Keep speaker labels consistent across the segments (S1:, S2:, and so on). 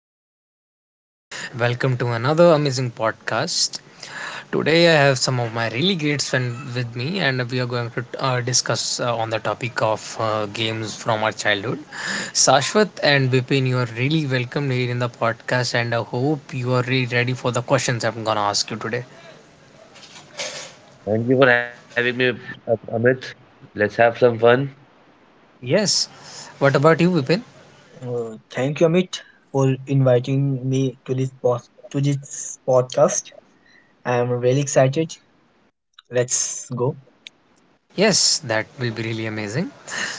S1: having an amazing day. Welcome to another amazing podcast. Today I have some of my really great friends with me, and we are going to discuss on the topic of games from our childhood. Sashwat and Bipin, you are really welcome here in the podcast, and I hope you are really ready for the questions I'm gonna ask you today.
S2: Thank you for having me, Amit. Let's have some fun.
S1: Yes. What about you, Bipin?
S3: Thank you, Amit, for inviting me to to this podcast. I am really excited. Let's go.
S1: Yes, that will be really amazing.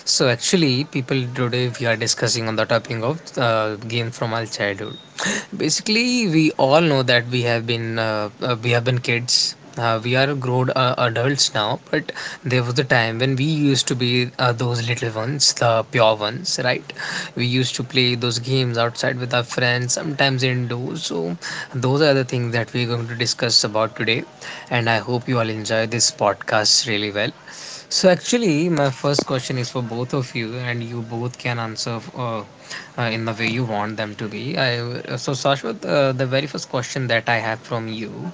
S1: So actually, people, today we are discussing on the topic of game from our childhood. Basically, we all know that we have been kids. We are grown adults now, but there was a time when we used to be those little ones, the pure ones, right? We used to play those games outside with our friends, sometimes indoors. So those are the things that we're going to discuss about today, and I hope you all enjoy this podcast really well. So actually, my first question is for both of you, and you both can answer in the way you want them to be. So, Sashwat, the very first question that I have from you,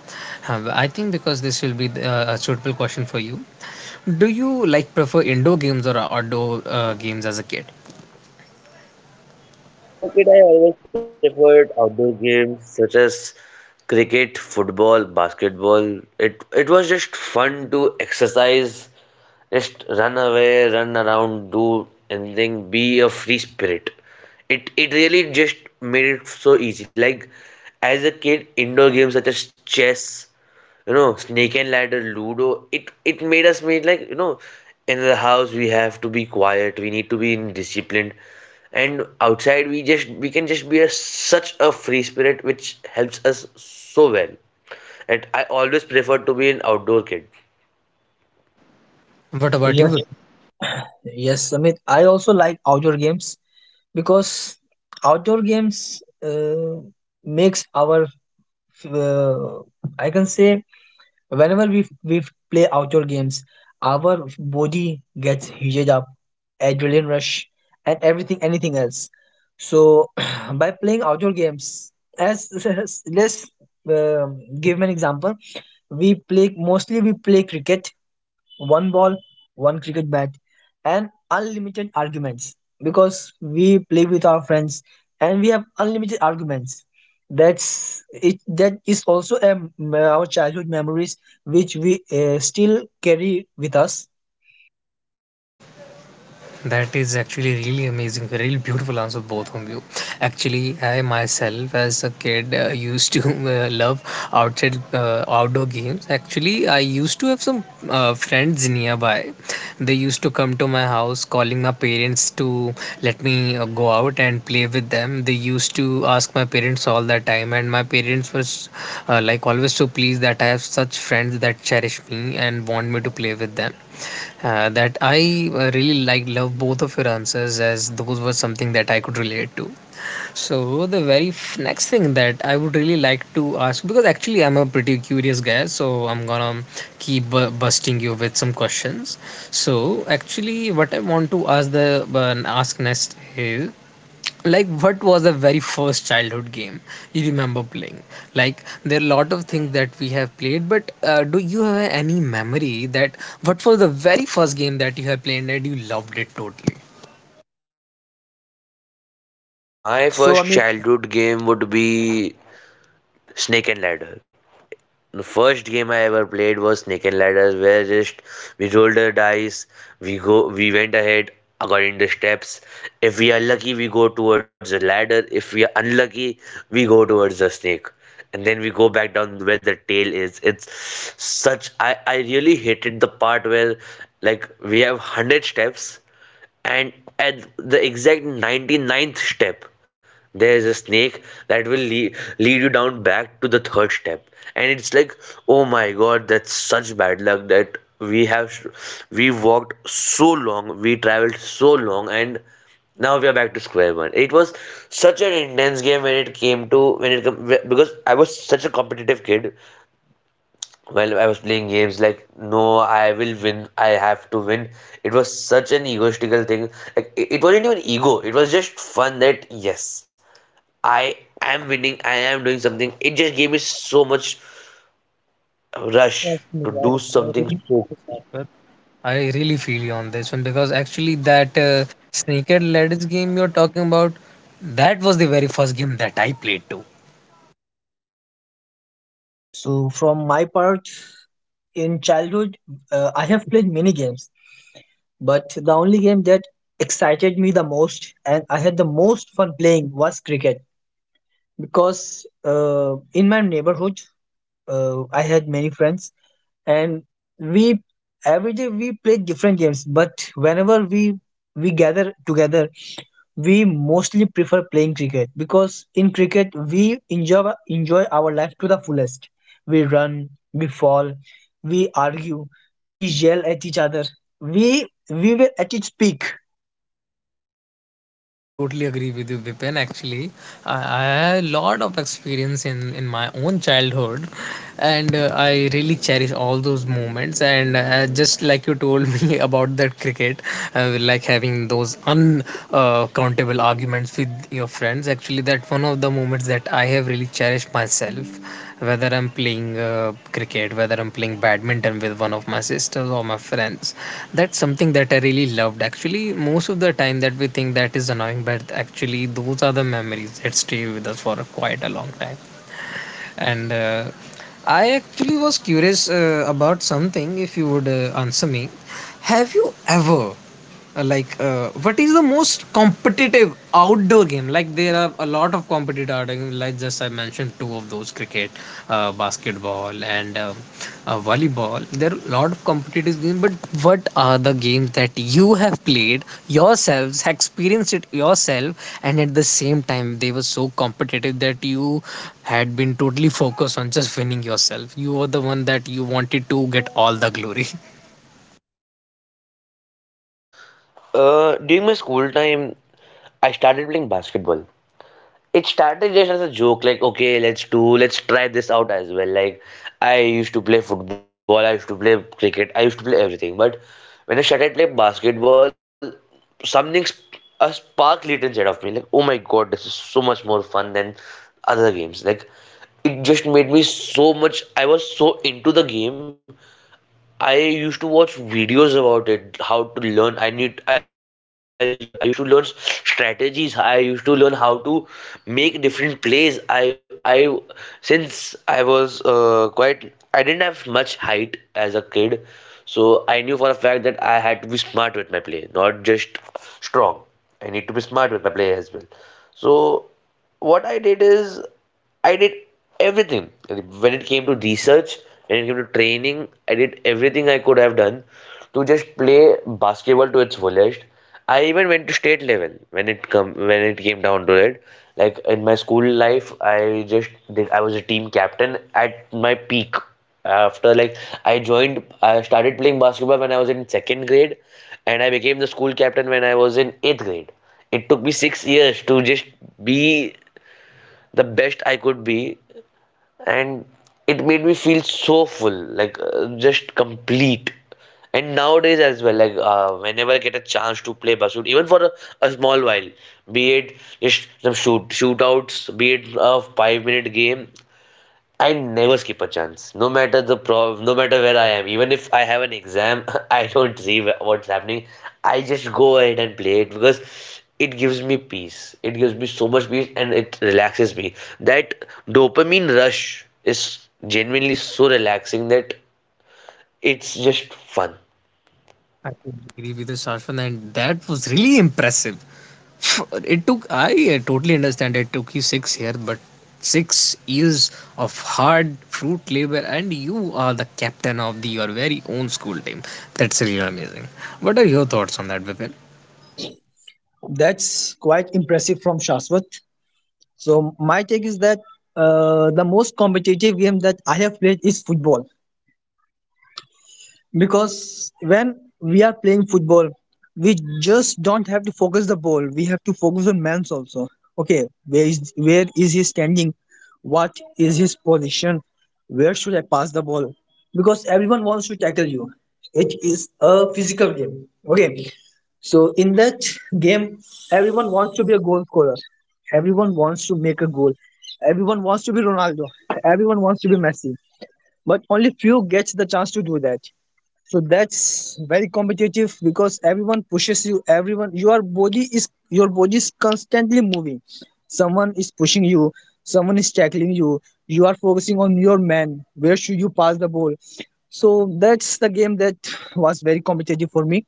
S1: I think because this will be a suitable question for you. Do you like prefer indoor games or outdoor games as a kid?
S2: As a kid, I always preferred outdoor games such as cricket, football, basketball. It was just fun to exercise, just run away, run around, do anything, be a free spirit. It really just made it so easy. Like, as a kid, indoor games such as chess, snake and ladder, ludo, it made us made like, in the house we have to be quiet, we need to be in disciplined. And outside, we can just be a such a free spirit, which helps us so well. And I always prefer to be an outdoor kid.
S1: What about you, Vipul?
S3: Yes, yes, Amit. I also like outdoor games because outdoor games makes our, uh, I can say, whenever we play outdoor games, our body gets heated up, adrenaline rush, and everything, anything else. So, by playing outdoor games, as let's give me an example, we play cricket. One ball, one cricket bat, and unlimited arguments, because we play with our friends and we have unlimited arguments. That's it. That is also our childhood memories, which we still carry with us.
S1: That is actually really amazing, a really beautiful answer, both of you. Actually, I myself, as a kid, used to love outside outdoor games. Actually, I used to have some friends nearby. They used to come to my house, calling my parents to let me go out and play with them. They used to ask my parents all the time, and my parents were like always so pleased that I have such friends that cherish me and want me to play with them. That I really like love both of your answers, as those were something that I could relate to. So the next thing that I would really like to ask, because actually I'm a pretty curious guy, so I'm gonna keep busting you with some questions. So actually, what I want to ask the ask next is like, what was the very first childhood game you remember playing? Like, there are a lot of things that we have played, but do you have any memory that what was the very first game that you have played and you loved it totally?
S2: My
S3: So,
S2: first
S3: Amit,
S2: childhood game would be snake and ladder. The first game I ever played was Snake and Ladders, where just we rolled the dice, we went ahead according to steps. If we are lucky, we go towards the ladder. If we are unlucky, we go towards the snake, and then we go back down where the tail is. It's such I really hated the part where like we have 100 steps, and at the exact ninety ninth step there is a snake that will lead you down back to the third step. And it's like, oh my god, that's such bad luck that we have. We walked so long, we traveled so long, and now we are back to square one. It was such an intense game, when it came to when it com- because I was such a competitive kid. While I was playing games, like, no, I will win, I have to win. It was such an egoistical thing. Like, it wasn't even ego, it was just fun that, yes, I am winning, I am doing something. It just gave me so much
S1: Trust
S2: rush
S1: me,
S2: to do
S1: I
S2: something
S1: really
S2: so.
S1: feel that. But I really feel you on this one, because actually that sneaker ladders game you're talking about, that was the very first game that I played too.
S3: from my part, in childhood, I have played many games, but the only game that excited me the most and I had the most fun playing was cricket, because in my neighborhood, I had many friends, and we every day we played different games. But whenever we gather together, we mostly prefer playing cricket because in cricket we enjoy our life to the fullest. We run, we fall, we argue, we yell at each other. We were at its peak.
S1: I totally agree with you, Vipin. Actually, I had a lot of experience in my own childhood, and I really cherish all those moments. And just like you told me about that cricket, like having those uncountable arguments with your friends, actually, that one of the moments that I have really cherished myself. Whether I'm playing cricket, whether I'm playing badminton with one of my sisters or my friends, that's something that I really loved. Actually, most of the time that we think that is annoying, but actually, those are the memories that stay with us for a quite a long time. And I actually was curious about something. If you would answer me, have you ever like what is the most competitive outdoor game? Like, there are a lot of competitive outdoor games, like just I mentioned two of those, cricket, basketball, and volleyball. There are a lot of competitive games, but what are the games that you have played yourselves, experienced it yourself, and at the same time they were so competitive that you had been totally focused on just winning yourself? You were the one that you wanted to get all the glory.
S2: During my school time, I started playing basketball. It started just as a joke, like, okay, let's try this out as well. Like, I used to play football, I used to play cricket, I used to play everything, but when I started playing basketball, something a spark lit inside of me. Like, oh my god, this is so much more fun than other games. Like, it just made me so much, I was so into the game. I used to watch videos about it, how to learn. I need I, l- I used to learn strategies. I used to learn how to make different plays. I Since I was quite I didn't have much height as a kid, so I knew for a fact that I had to be smart with my play, not just strong. I need to be smart with my play as well. So what I did is I did everything. When it came to research, when it came to training, I did everything I could have done to just play basketball to its fullest. I even went to state level when it came down to it. Like, in my school life, I was a team captain at my peak. After like I joined, I started playing basketball when I was in second grade, and I became the school captain when I was in eighth grade. It took me 6 years to just be the best I could be, and it made me feel so full, like just complete. And nowadays as well, like whenever I get a chance to play Basud, even for a small while, be it just some shootouts, be it a 5-minute game, I never skip a chance, no matter where I am. Even if I have an exam, I don't see what's happening. I just go ahead and play it because it gives me peace. It gives me so much peace and it relaxes me. That dopamine rush is genuinely so relaxing that it's just fun.
S1: I could agree with you, Shashwan, and that was really impressive. It took, I totally understand it took you six years, but six years of hard fruit labor, and you are the captain of your very own school team. That's really amazing. What are your thoughts on that, Vipin?
S3: That's quite impressive from Shaswat. So my take is that the most competitive game that I have played is football, because when we are playing football, we just don't have to focus the ball, we have to focus on man's also. Okay, where is he standing, what is his position, where should I pass the ball, because everyone wants to tackle you. It is a physical game, okay. So in that game, everyone wants to be a goal scorer, everyone wants to make a goal, everyone wants to be Ronaldo, everyone wants to be Messi, but only few gets the chance to do that. So that's very competitive because everyone pushes you, everyone, your body is constantly moving. Someone is pushing you, someone is tackling you, you are focusing on your man, where should you pass the ball. So that's the game that was very competitive for me.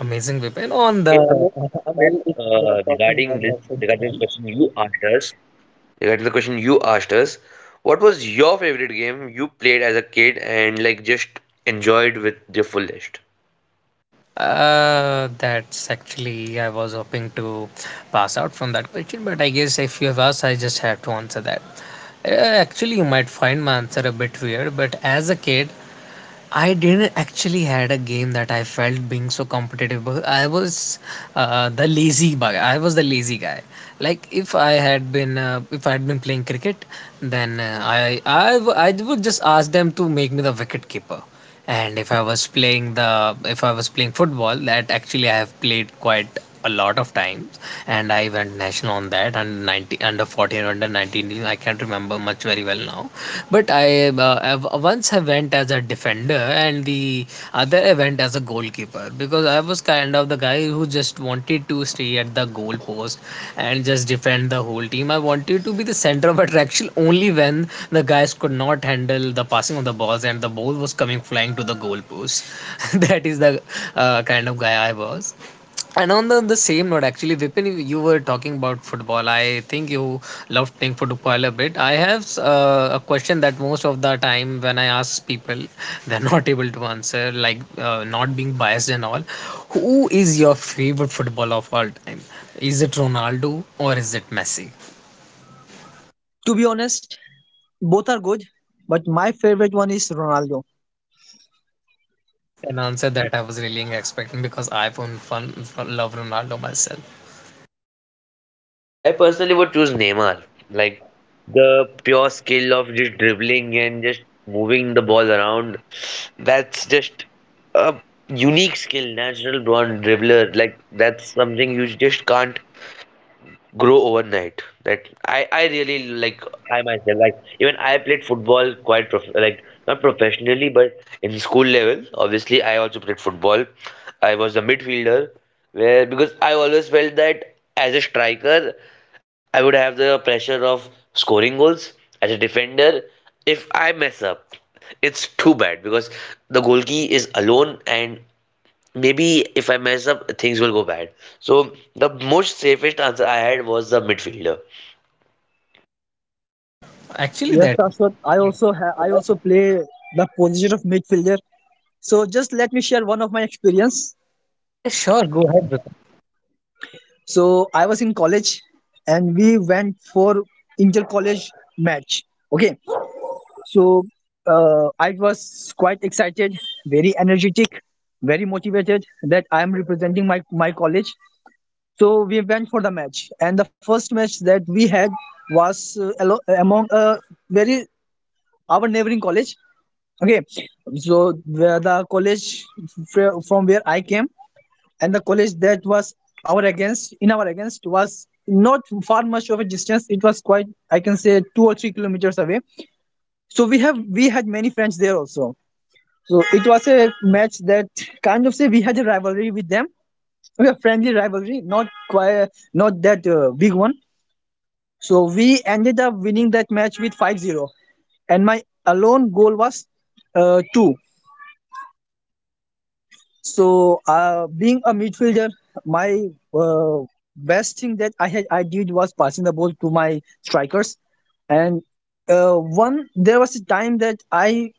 S1: Amazing, Vipin.
S2: Uh,
S1: On
S2: okay,
S1: the,
S2: Amit, Amit,
S1: well, if we are
S2: uh,
S1: talking about
S2: regarding
S1: the
S2: the
S1: football,
S2: question you asked us. Like, that is the question you asked us. What was your favorite game you played as a kid and like just enjoyed with the fullest?
S1: That's actually I was hoping to pass out from that question, but I guess if you have asked, I just have to answer that. Uh, Actually, you might find my answer a bit weird, but as a kid, I didn't actually had a game that I felt being so competitive. Because I was the lazy guy. I was the lazy guy. Like, if I had been playing cricket, then I would just ask them to make me the wicket keeper. And if I was playing the, if I was playing football, that actually I have played quite a lot of times, and I went national on that and 90 under 14 under 19. I can't remember much very well now, but I have, once I went as a defender and the other I went as a goalkeeper, because I was kind of the guy who just wanted to stay at the goal post and just defend the whole team. I wanted to be the center of attraction only when the guys could not handle the passing of the balls and the ball was coming flying to the goal post. That is the kind of guy I was. And on the same note, actually, Vipin, you were talking about football. I think you love playing football a bit. I have a question that most of the time when I ask people, they're not able to answer, like not being biased and all. Who is your favorite footballer of all time? Is it Ronaldo or is it Messi?
S3: To be honest, both are good, but my favorite one is Ronaldo.
S1: That's an answer that I was really expecting, because I, for one, fun, love Ronaldo myself.
S2: I personally would choose Neymar. Like, the pure skill of just dribbling and just moving the ball around, that's just a unique skill, natural born dribbler. Like, that's something you just can't grow overnight. That I really like. I myself like, even I played football quite prof like, not professionally but in school level obviously. I also played football. I was a midfielder, where because I always felt that as a striker I would have the pressure of scoring goals. As a defender, if I mess up, it's too bad because the goalkeeper is alone, and maybe if I mess up, things will go bad. So the most safest answer I had was the midfielder.
S1: Actually,
S3: Yes,
S1: that.
S3: Shashwat, I also play the position of midfielder. So just let me share one of my experience.
S1: Yeah, sure. Go ahead.
S3: So I was in college and we went for inter college match. Okay. So I was quite excited, very energetic, very motivated that I am representing my college. So we went for the match. And the first match that we had was alo- among very our neighboring college. Okay. So where the college from where I came and the college that was our against was not far much of a distance. It was quite, I can say, 2 or 3 kilometers away. So we had many friends there also. So it was a match that, kind of say, we had a rivalry with them, we a friendly rivalry, not quite, not that big one. So we ended up winning that match with 5-0. And my alone goal was 2. So being a midfielder, my, uh, best thing that I had I did was passing the ball to my strikers. And one there was a time that I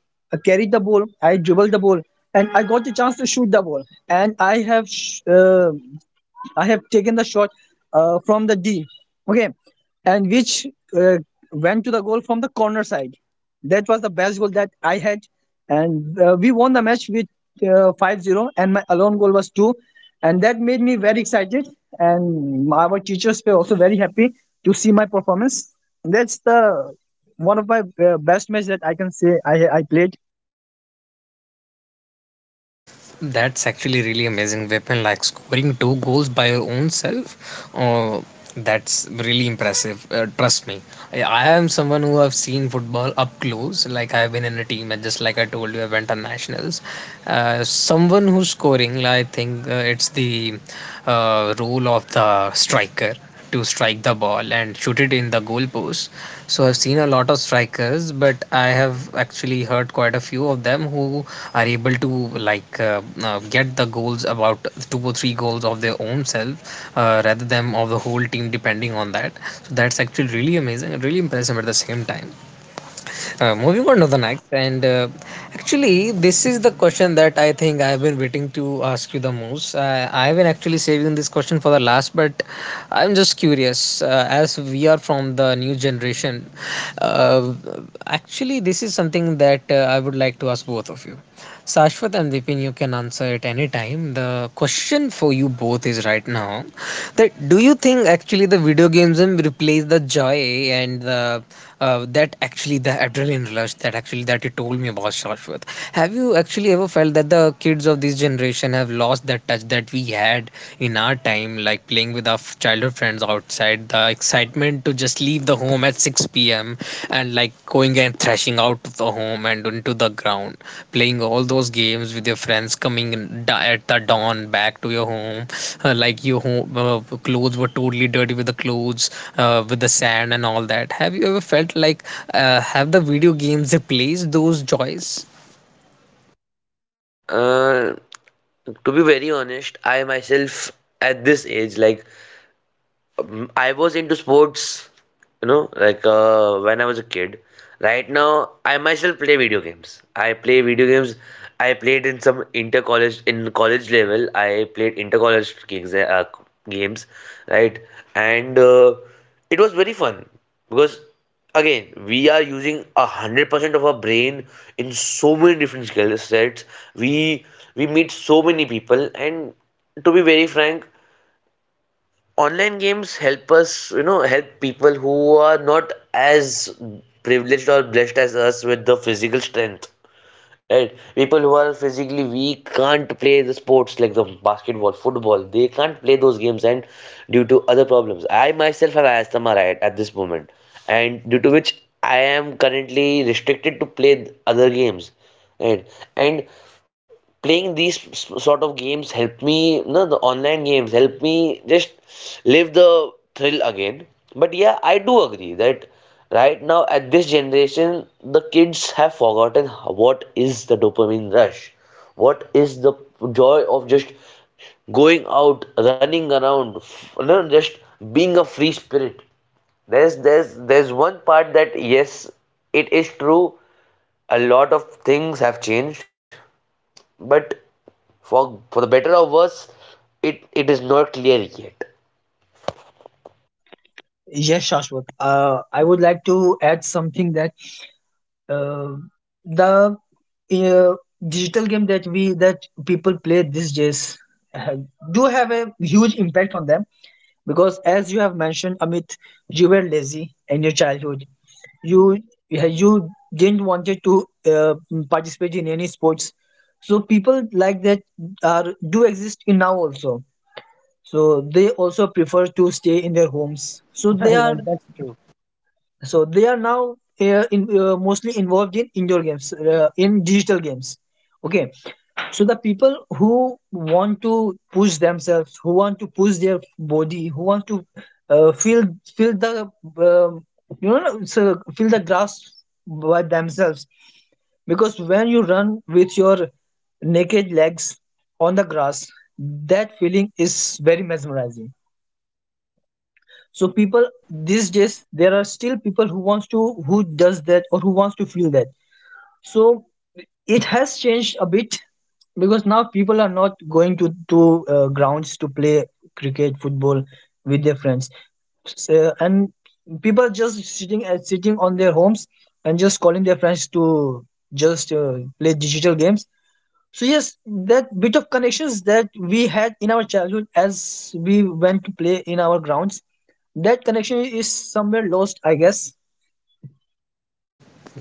S3: carried the ball, I dribbled the ball, and I got the chance to shoot the ball. And I have I have taken the shot from the D. Okay, and which uh, went to the goal from the corner side. That was the best goal that I had, and we won the match with 5-0, and my alone goal was two, and that made me very excited, and our teachers were also very happy to see my performance. That's the one of my best match that I can say I played.
S1: That's actually really amazing weapon, like scoring two goals by your own self. Oh, that's really impressive. Trust me, I am someone who have seen football up close. Like, I've been in a team, and just like I told you, I went on nationals. Someone who's scoring, I think it's the role of the striker to strike the ball and shoot it in the goal post. So I've seen a lot of strikers, but I have actually heard quite a few of them who are able to like get the goals about two or three goals of their own self rather than of the whole team depending on that. So that's actually really amazing and really impressive at the same time. Moving on to the next, and actually, this is the question that I think I've been waiting to ask you the most. I've been actually saving this question for the last, but I'm just curious as we are from the new generation. Uh, Actually, this is something that I would like to ask both of you. Sashwat and Vipin, you can answer it anytime. The question for you both is, right now, that do you think actually the video games will replace the joy and the that actually the adrenaline rush that actually that you told me about, Shashwat. Have you actually ever felt that the kids of this generation have lost that touch that we had in our time, like playing with our childhood friends outside, the excitement to just leave the home at 6 p.m. and like going and thrashing crashing out of the home and into the ground, playing all those games with your friends, coming in at the dawn back to your home, like your home clothes were totally dirty with the clothes, with the sand and all that. Have you ever felt like have the video games replaced those joys?
S2: Uh, to be very honest, I myself at this age, like, I was into sports, you know, like, when I was a kid. Right now, I myself play video games. I play video games. I played in some inter college in college level. I played inter college gigs, games, right? And it was very fun because again we are using 100% of our brain in so many different skill sets. We we meet so many people, and to be very frank, online games help us, you know, help people who are not as privileged or blessed as us with the physical strength, right? People who are physically weak can't play the sports like the basketball, football. They can't play those games, and due to other problems. I myself have asthma right at this moment, and due to which I am currently restricted to play other games, right? And playing these sort of games help me. No, the online games help me just live the thrill again. But yeah, I do agree that right now at this generation, the kids have forgotten what is the dopamine rush, what is the joy of just going out, running around, you know, just being a free spirit. There's one part that yes, it is true, a lot of things have changed, but for the better or worse, it is not clear yet.
S3: Yes, Shashwat. I would like to add something, that uh, the uh, digital game that people play these days uh, do have a huge impact on them, because as you have mentioned, Amit, you were lazy in your childhood. You, yeah, you didn't wanted to participate in any sports. So people like that are do exist in now also. So they also prefer to stay in their homes. So they are, now, mostly involved in indoor games, in digital games. Okay, so the people who want to push themselves, who want to push their body, who want to uh, feel feel the uh, you know, so feel the grass by themselves, because when you run with your naked legs on the grass, that feeling is very mesmerizing. So people these days, there are still people who wants to, who does that, or who wants to feel that. So it has changed a bit because now people are not going to grounds to play cricket, football with their friends. So, and people are just sitting on their homes and just calling their friends to just play digital games. So yes, that bit of connections that we had in our childhood as we went to play in our grounds, that connection is somewhere lost, I guess.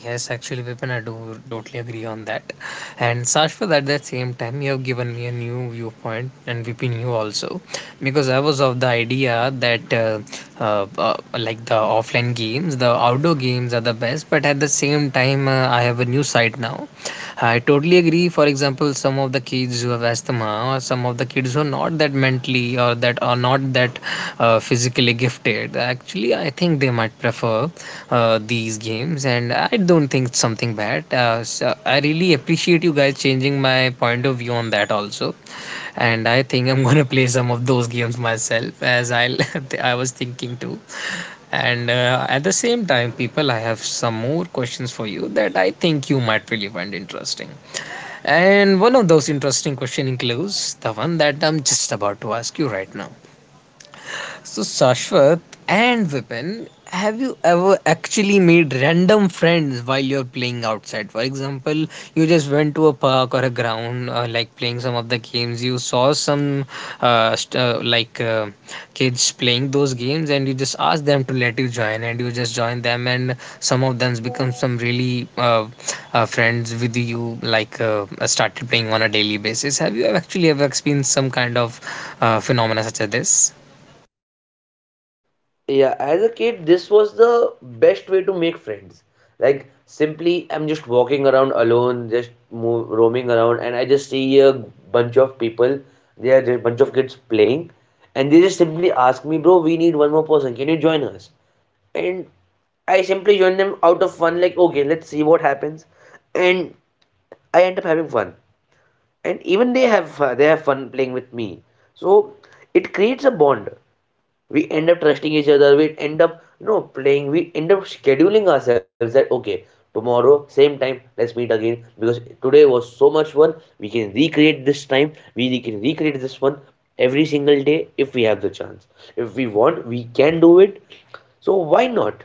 S1: Yes, actually, Vipin, I do totally agree on that. And Sashwat, at that same time, you have given me a new viewpoint, and Vipin, you also, because I was of the idea that like the offline games, the outdoor games are the best. But at the same time, I have a new side now. I totally agree. For example, some of the kids who have asthma, or some of the kids who are not that mentally or that are not that physically gifted, actually, I think they might prefer these games, and I don't think it's something bad. So I really appreciate you guys changing my point of view on that also, and I think I'm gonna play some of those games myself, as I I was thinking too. And at the same time, people, I have some more questions for you that I think you might really find interesting. And one of those interesting question includes the one that I'm just about to ask you right now. So, Shashwat and Vipin, have you ever actually made random friends while you're playing outside? For example, you just went to a park or a ground, like playing some of the games. You saw some uh, st- uh, like uh, kids playing those games, and you just asked them to let you join, and you just join them, and some of them become some really friends with you, like started playing on a daily basis. Have you actually ever experienced some kind of phenomena such as this?
S2: Yeah, as a kid this was the best way to make friends. Like, simply I'm just walking around alone, just roaming around, and I just see a bunch of people. They are just bunch of kids playing, and they just simply ask me, bro, we need one more person, can you join us? And I simply join them out of fun, like, okay, let's see what happens. And I end up having fun, and even they have fun playing with me. So it creates a bond. We end up trusting each other, we end up, you know, playing, we end up scheduling ourselves that, okay, tomorrow same time let's meet again because today was so much fun. We can recreate this time, we can recreate this one every single day if we have the chance. If we want, we can do it, so why not?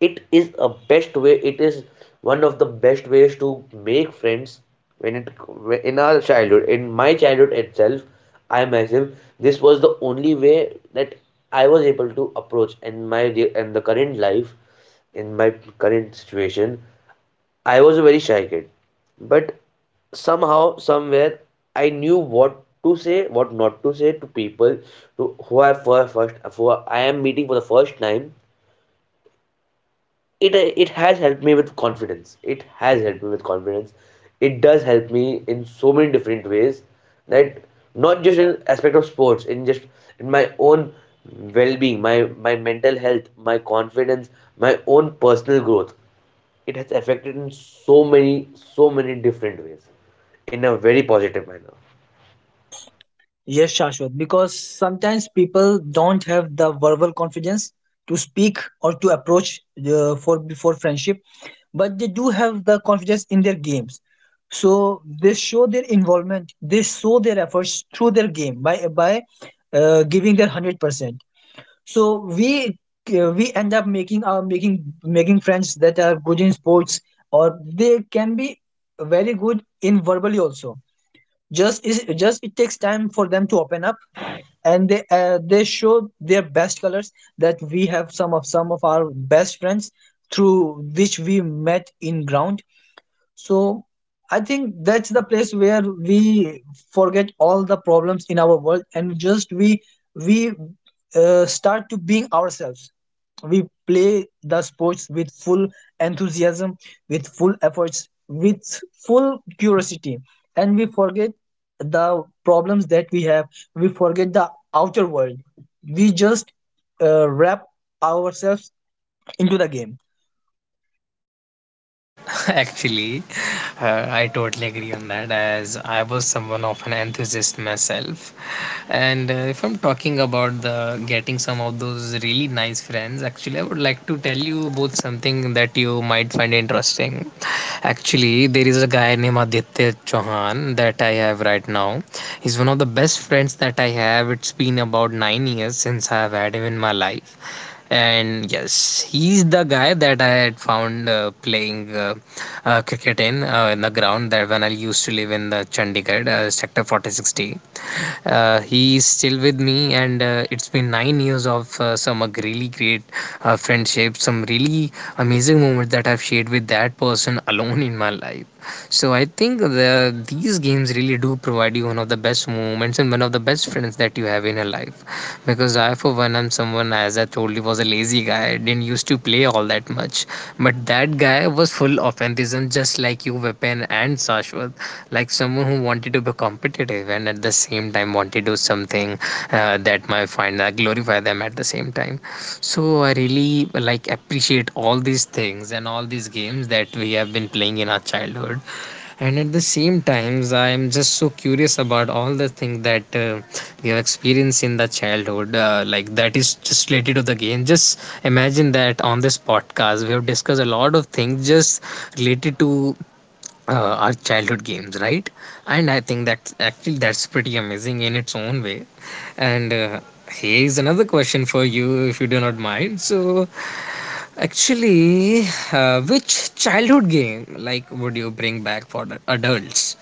S2: It is a best way, it is one of the best ways to make friends. When it, in our childhood, in my childhood itself, I myself, this was the only way that I was able to approach. In my and the current life, in my current situation, I was a very shy kid, but somehow, somewhere, I knew what to say, what not to say to people, to who I, for first who I am meeting for the first time. It it has helped me with confidence, it does help me in so many different ways. That not just in aspect of sports, in just in my own well-being, my mental health, my confidence, my own personal growth, it has affected in so many different ways in a very positive manner.
S3: Yes, Shashwat, because sometimes people don't have the verbal confidence to speak or to approach, for before friendship, but they do have the confidence in their games. So they show their involvement, they show their efforts through their game by giving their 100%. So we, end up making our making making friends that are good in sports, or they can be very good in verbally also. Just is, just it takes time for them to open up, and they show their best colors, that we have some of our best friends through which we met in ground. So I think that's the place where we forget all the problems in our world, and just we start to being ourselves. We play the sports with full enthusiasm, with full efforts, with full curiosity, and we forget the problems that we have. We forget the outer world. We just wrap ourselves into the game.
S1: Actually, I totally agree on that as I was someone of an enthusiast myself. And if I'm talking about the getting some of those really nice friends, actually, I would like to tell you both something that you might find interesting. Actually, there is a guy named Aditya Chauhan that I have right now. He's one of the best friends that I have. It's been about 9 years since I have had him in my life, and yes, he's the guy that I had found playing cricket in the ground that when I used to live in the Chandigarh sector 4060. He is still with me, and it's been 9 years of some really great friendship, some really amazing moments that I've shared with that person alone in my life. So I think the these games really do provide you one of the best moments and one of the best friends that you have in your life, because I, for one, am someone, as I told you, was a lazy guy. I didn't used to play all that much. But that guy was full of enthusiasm, just like you, Vipin and Sashwat, like someone who wanted to be competitive and at the same time wanted to do something that might find glorify them at the same time. So I really like appreciate all these things and all these games that we have been playing in our childhood, and at the same times I am just so curious about all the things that we have experienced in the childhood, like that is just related to the game. Just imagine that on this podcast we have discussed a lot of things just related to our childhood games, right? And I think that's actually that's pretty amazing in its own way. And here's another question for you if you do not mind. So actually, which childhood game like would you bring back for the adults?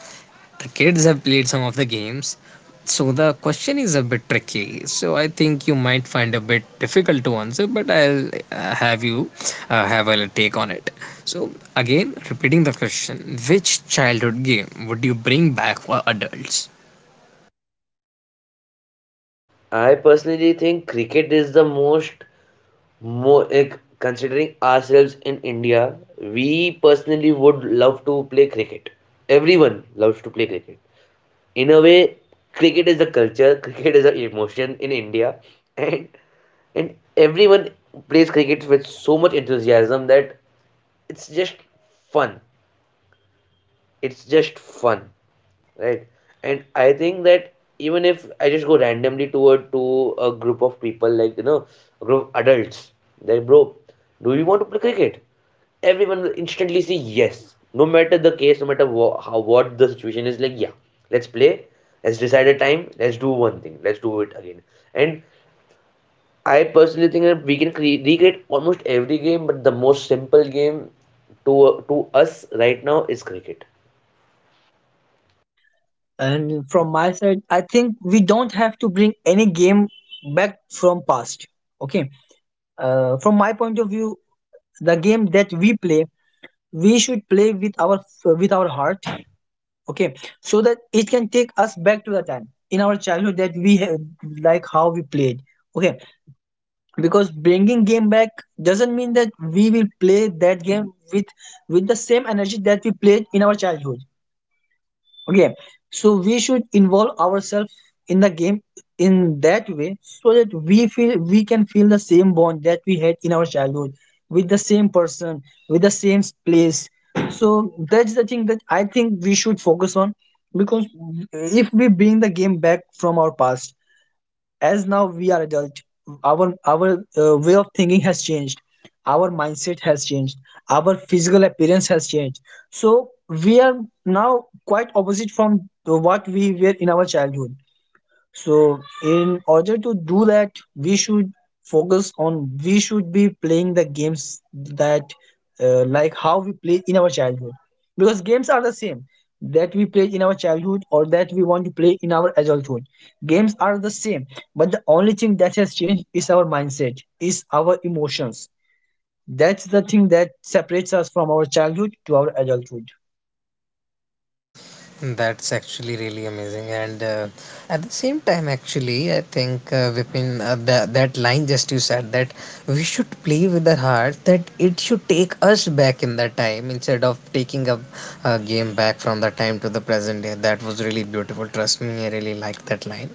S1: The kids have played some of the games, so the question is a bit tricky. So I think you might find a bit difficult to answer, but I'll have you have a take on it. So again, repeating the question, which childhood game would you bring back for adults?
S2: I personally think cricket is the most. More like, considering ourselves in India, we personally would love to play cricket. Everyone loves to play cricket. In a way, cricket is a culture, cricket is an emotion in India, and everyone plays cricket with so much enthusiasm that it's just fun, it's just fun right? And I think that even if I just go randomly toward to a group of people, like, you know, a group of adults, like, bro, do you want to play cricket? Everyone will instantly say yes, no matter the case, no matter wha- how what the situation is. Like, yeah, let's play, let's decide a time, let's do one thing, let's do it again. And I personally think that we can recreate almost every game, but the most simple game to us right now is cricket.
S3: And from my side, I think we don't have to bring any game back from past. Okay. From my point of view, the game that we play, we should play with our heart. Okay, so that it can take us back to the time in our childhood that we have, like how we played. Okay, because bringing game back doesn't mean that we will play that game with the same energy that we played in our childhood. Okay, so we should involve ourselves in the game in that way so that we feel, we can feel the same bond that we had in our childhood, with the same person, with the same place. So that's the thing that I think we should focus on. Because if we bring the game back from our past, as now we are adult, our way of thinking has changed, our mindset has changed, our physical appearance has changed. So we are now quite opposite from what we were in our childhood. So in order to do that, we should focus on, we should be playing the games that, like how we play in our childhood, because games are the same that we played in our childhood, or that we want to play in our adulthood. Games are the same, but the only thing that has changed is our mindset, is our emotions. That's the thing that separates us from our childhood to our adulthood.
S1: That's actually really amazing, and at the same time, actually, I think Vipin, that that line just you said that we should play with our heart, that it should take us back in that time instead of taking a game back from the time to the present day. That was really beautiful. Trust me, I really like that line.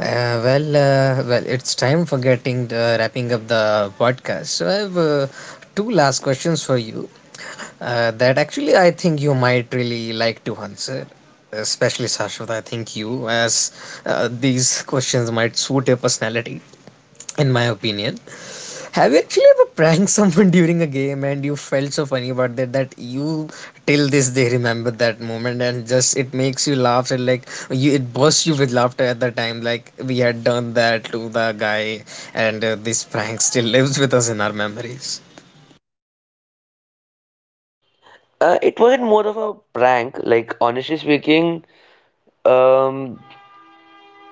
S1: Well, it's time for getting the, wrapping up the podcast. So I have two last questions for you that actually I think you might really like to answer, especially Sashwat. I think you, as these questions might suit your personality, in my opinion. Have you actually ever pranked someone during a game and you felt so funny about that that you till this day remember that moment, and just it makes you laugh and like you it bursts you with laughter at the time, like we had done that to the guy, and this prank still lives with us in our memories.
S2: It wasn't more of a prank. Like, honestly speaking, um,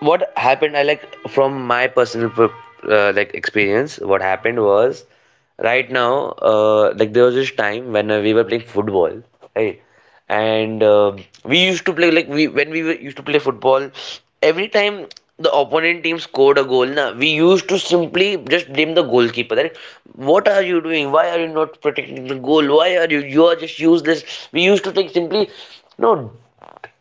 S2: what happened, I like, from my personal like experience, what happened was, right now like there was this time when we were playing football, right? And we used to play, like, we when we were, used to play football. Every time the opponent team scored a goal na, we used to simply just blame the goalkeeper that, what are you doing, why are you not protecting the goal, why are you, you are just useless. We used to like simply, no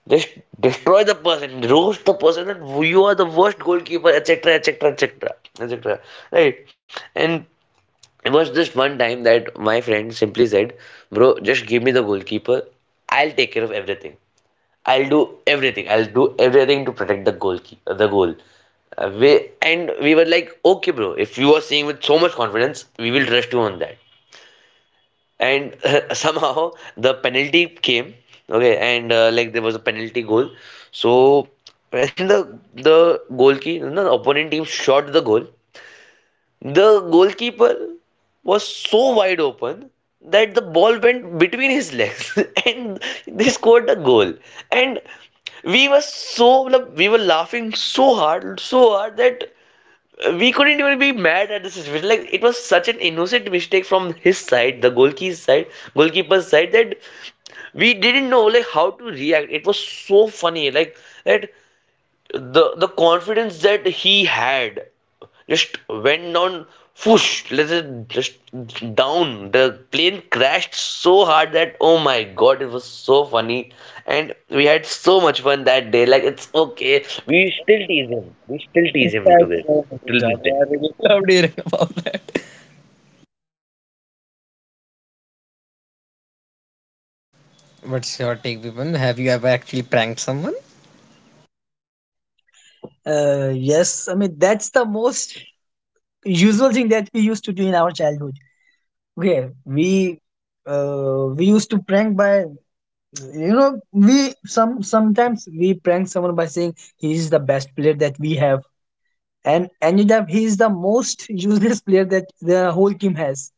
S2: just destroy the person, roast the person, and you are the worst goalkeeper, etc., etc., etc., etc. Right? And it was just one time that my friend simply said, "Bro, just give me the goalkeeper. I'll take care of everything. I'll do everything. I'll do everything to protect the goalkeeper, the goal." Uh, we, and we were like, "Okay, bro. If you are saying with so much confidence, we will trust you on that." And somehow the penalty came. Okay, and like, there was a penalty goal. So when the goalkeeper, the opponent team shot the goal, the goalkeeper was so wide open that the ball went between his legs, and they scored a goal. And we were so we were laughing so hard that we couldn't even be mad at the situation. Like, it was such an innocent mistake from his side, the goalkeeper's side, that we didn't know like how to react. It was so funny, like, that the confidence that he had just went down, whoosh, let it just down. The plane crashed so hard that, oh my god, it was so funny, and we had so much fun that day. Like, it's okay, we still tease him. We still tease
S1: That's
S2: him to this
S1: so funny,
S2: till this
S1: Shravya.
S2: day.
S1: I really loved hearing about that. What's your take, Vipin? Have you ever actually pranked someone?
S3: Yes, I mean, that's the most usual thing that we used to do in our childhood. Okay, we used to prank by, we some sometimes we prank someone by saying he is the best player that we have, and ended up he is the most useless player that the whole team has.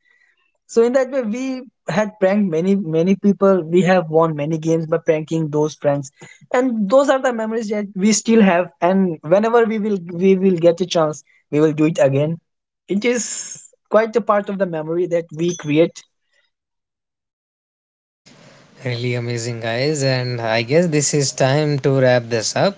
S3: So in that way, we had pranked many people. We have won many games by pranking those friends, and those are the memories that we still have. And whenever we will get a chance, we will do it again. It is quite a part of the memory that we create.
S1: Really amazing, guys. And I guess this is time to wrap this up.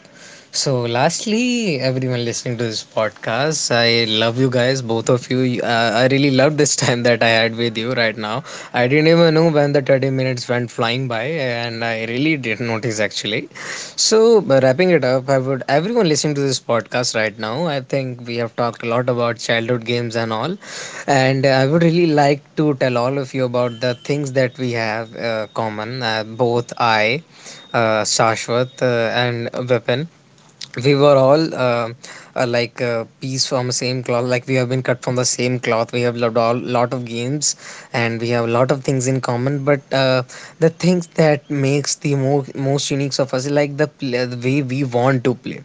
S1: So, lastly, everyone listening to this podcast, I love you guys, both of you. You- I really loved this time that I had with you right now. I didn't even know when the 30 minutes went flying by, and I really didn't notice actually. So, wrapping it up, I would everyone listening to this podcast right now, I think we have talked a lot about childhood games and all. And I would really like to tell all of you about the things that we have common, both I, Shashwat, and Vipin, we were all like a piece from same cloth, like we have been cut from the same cloth. We have loved all lot of games, and we have a lot of things in common, but the things that makes the most unique of us is like the, the way we want to play.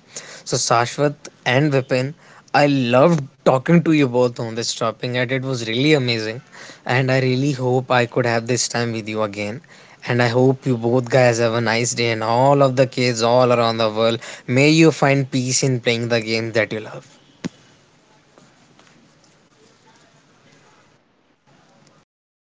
S1: So Sashwat and Vipin, I loved talking to you both on this topic and it was really amazing, and I really hope I could have this time with you again, and I hope you both guys have a nice day and all of the kids all around the world. May you find peace in playing the game that you love.
S3: Okay,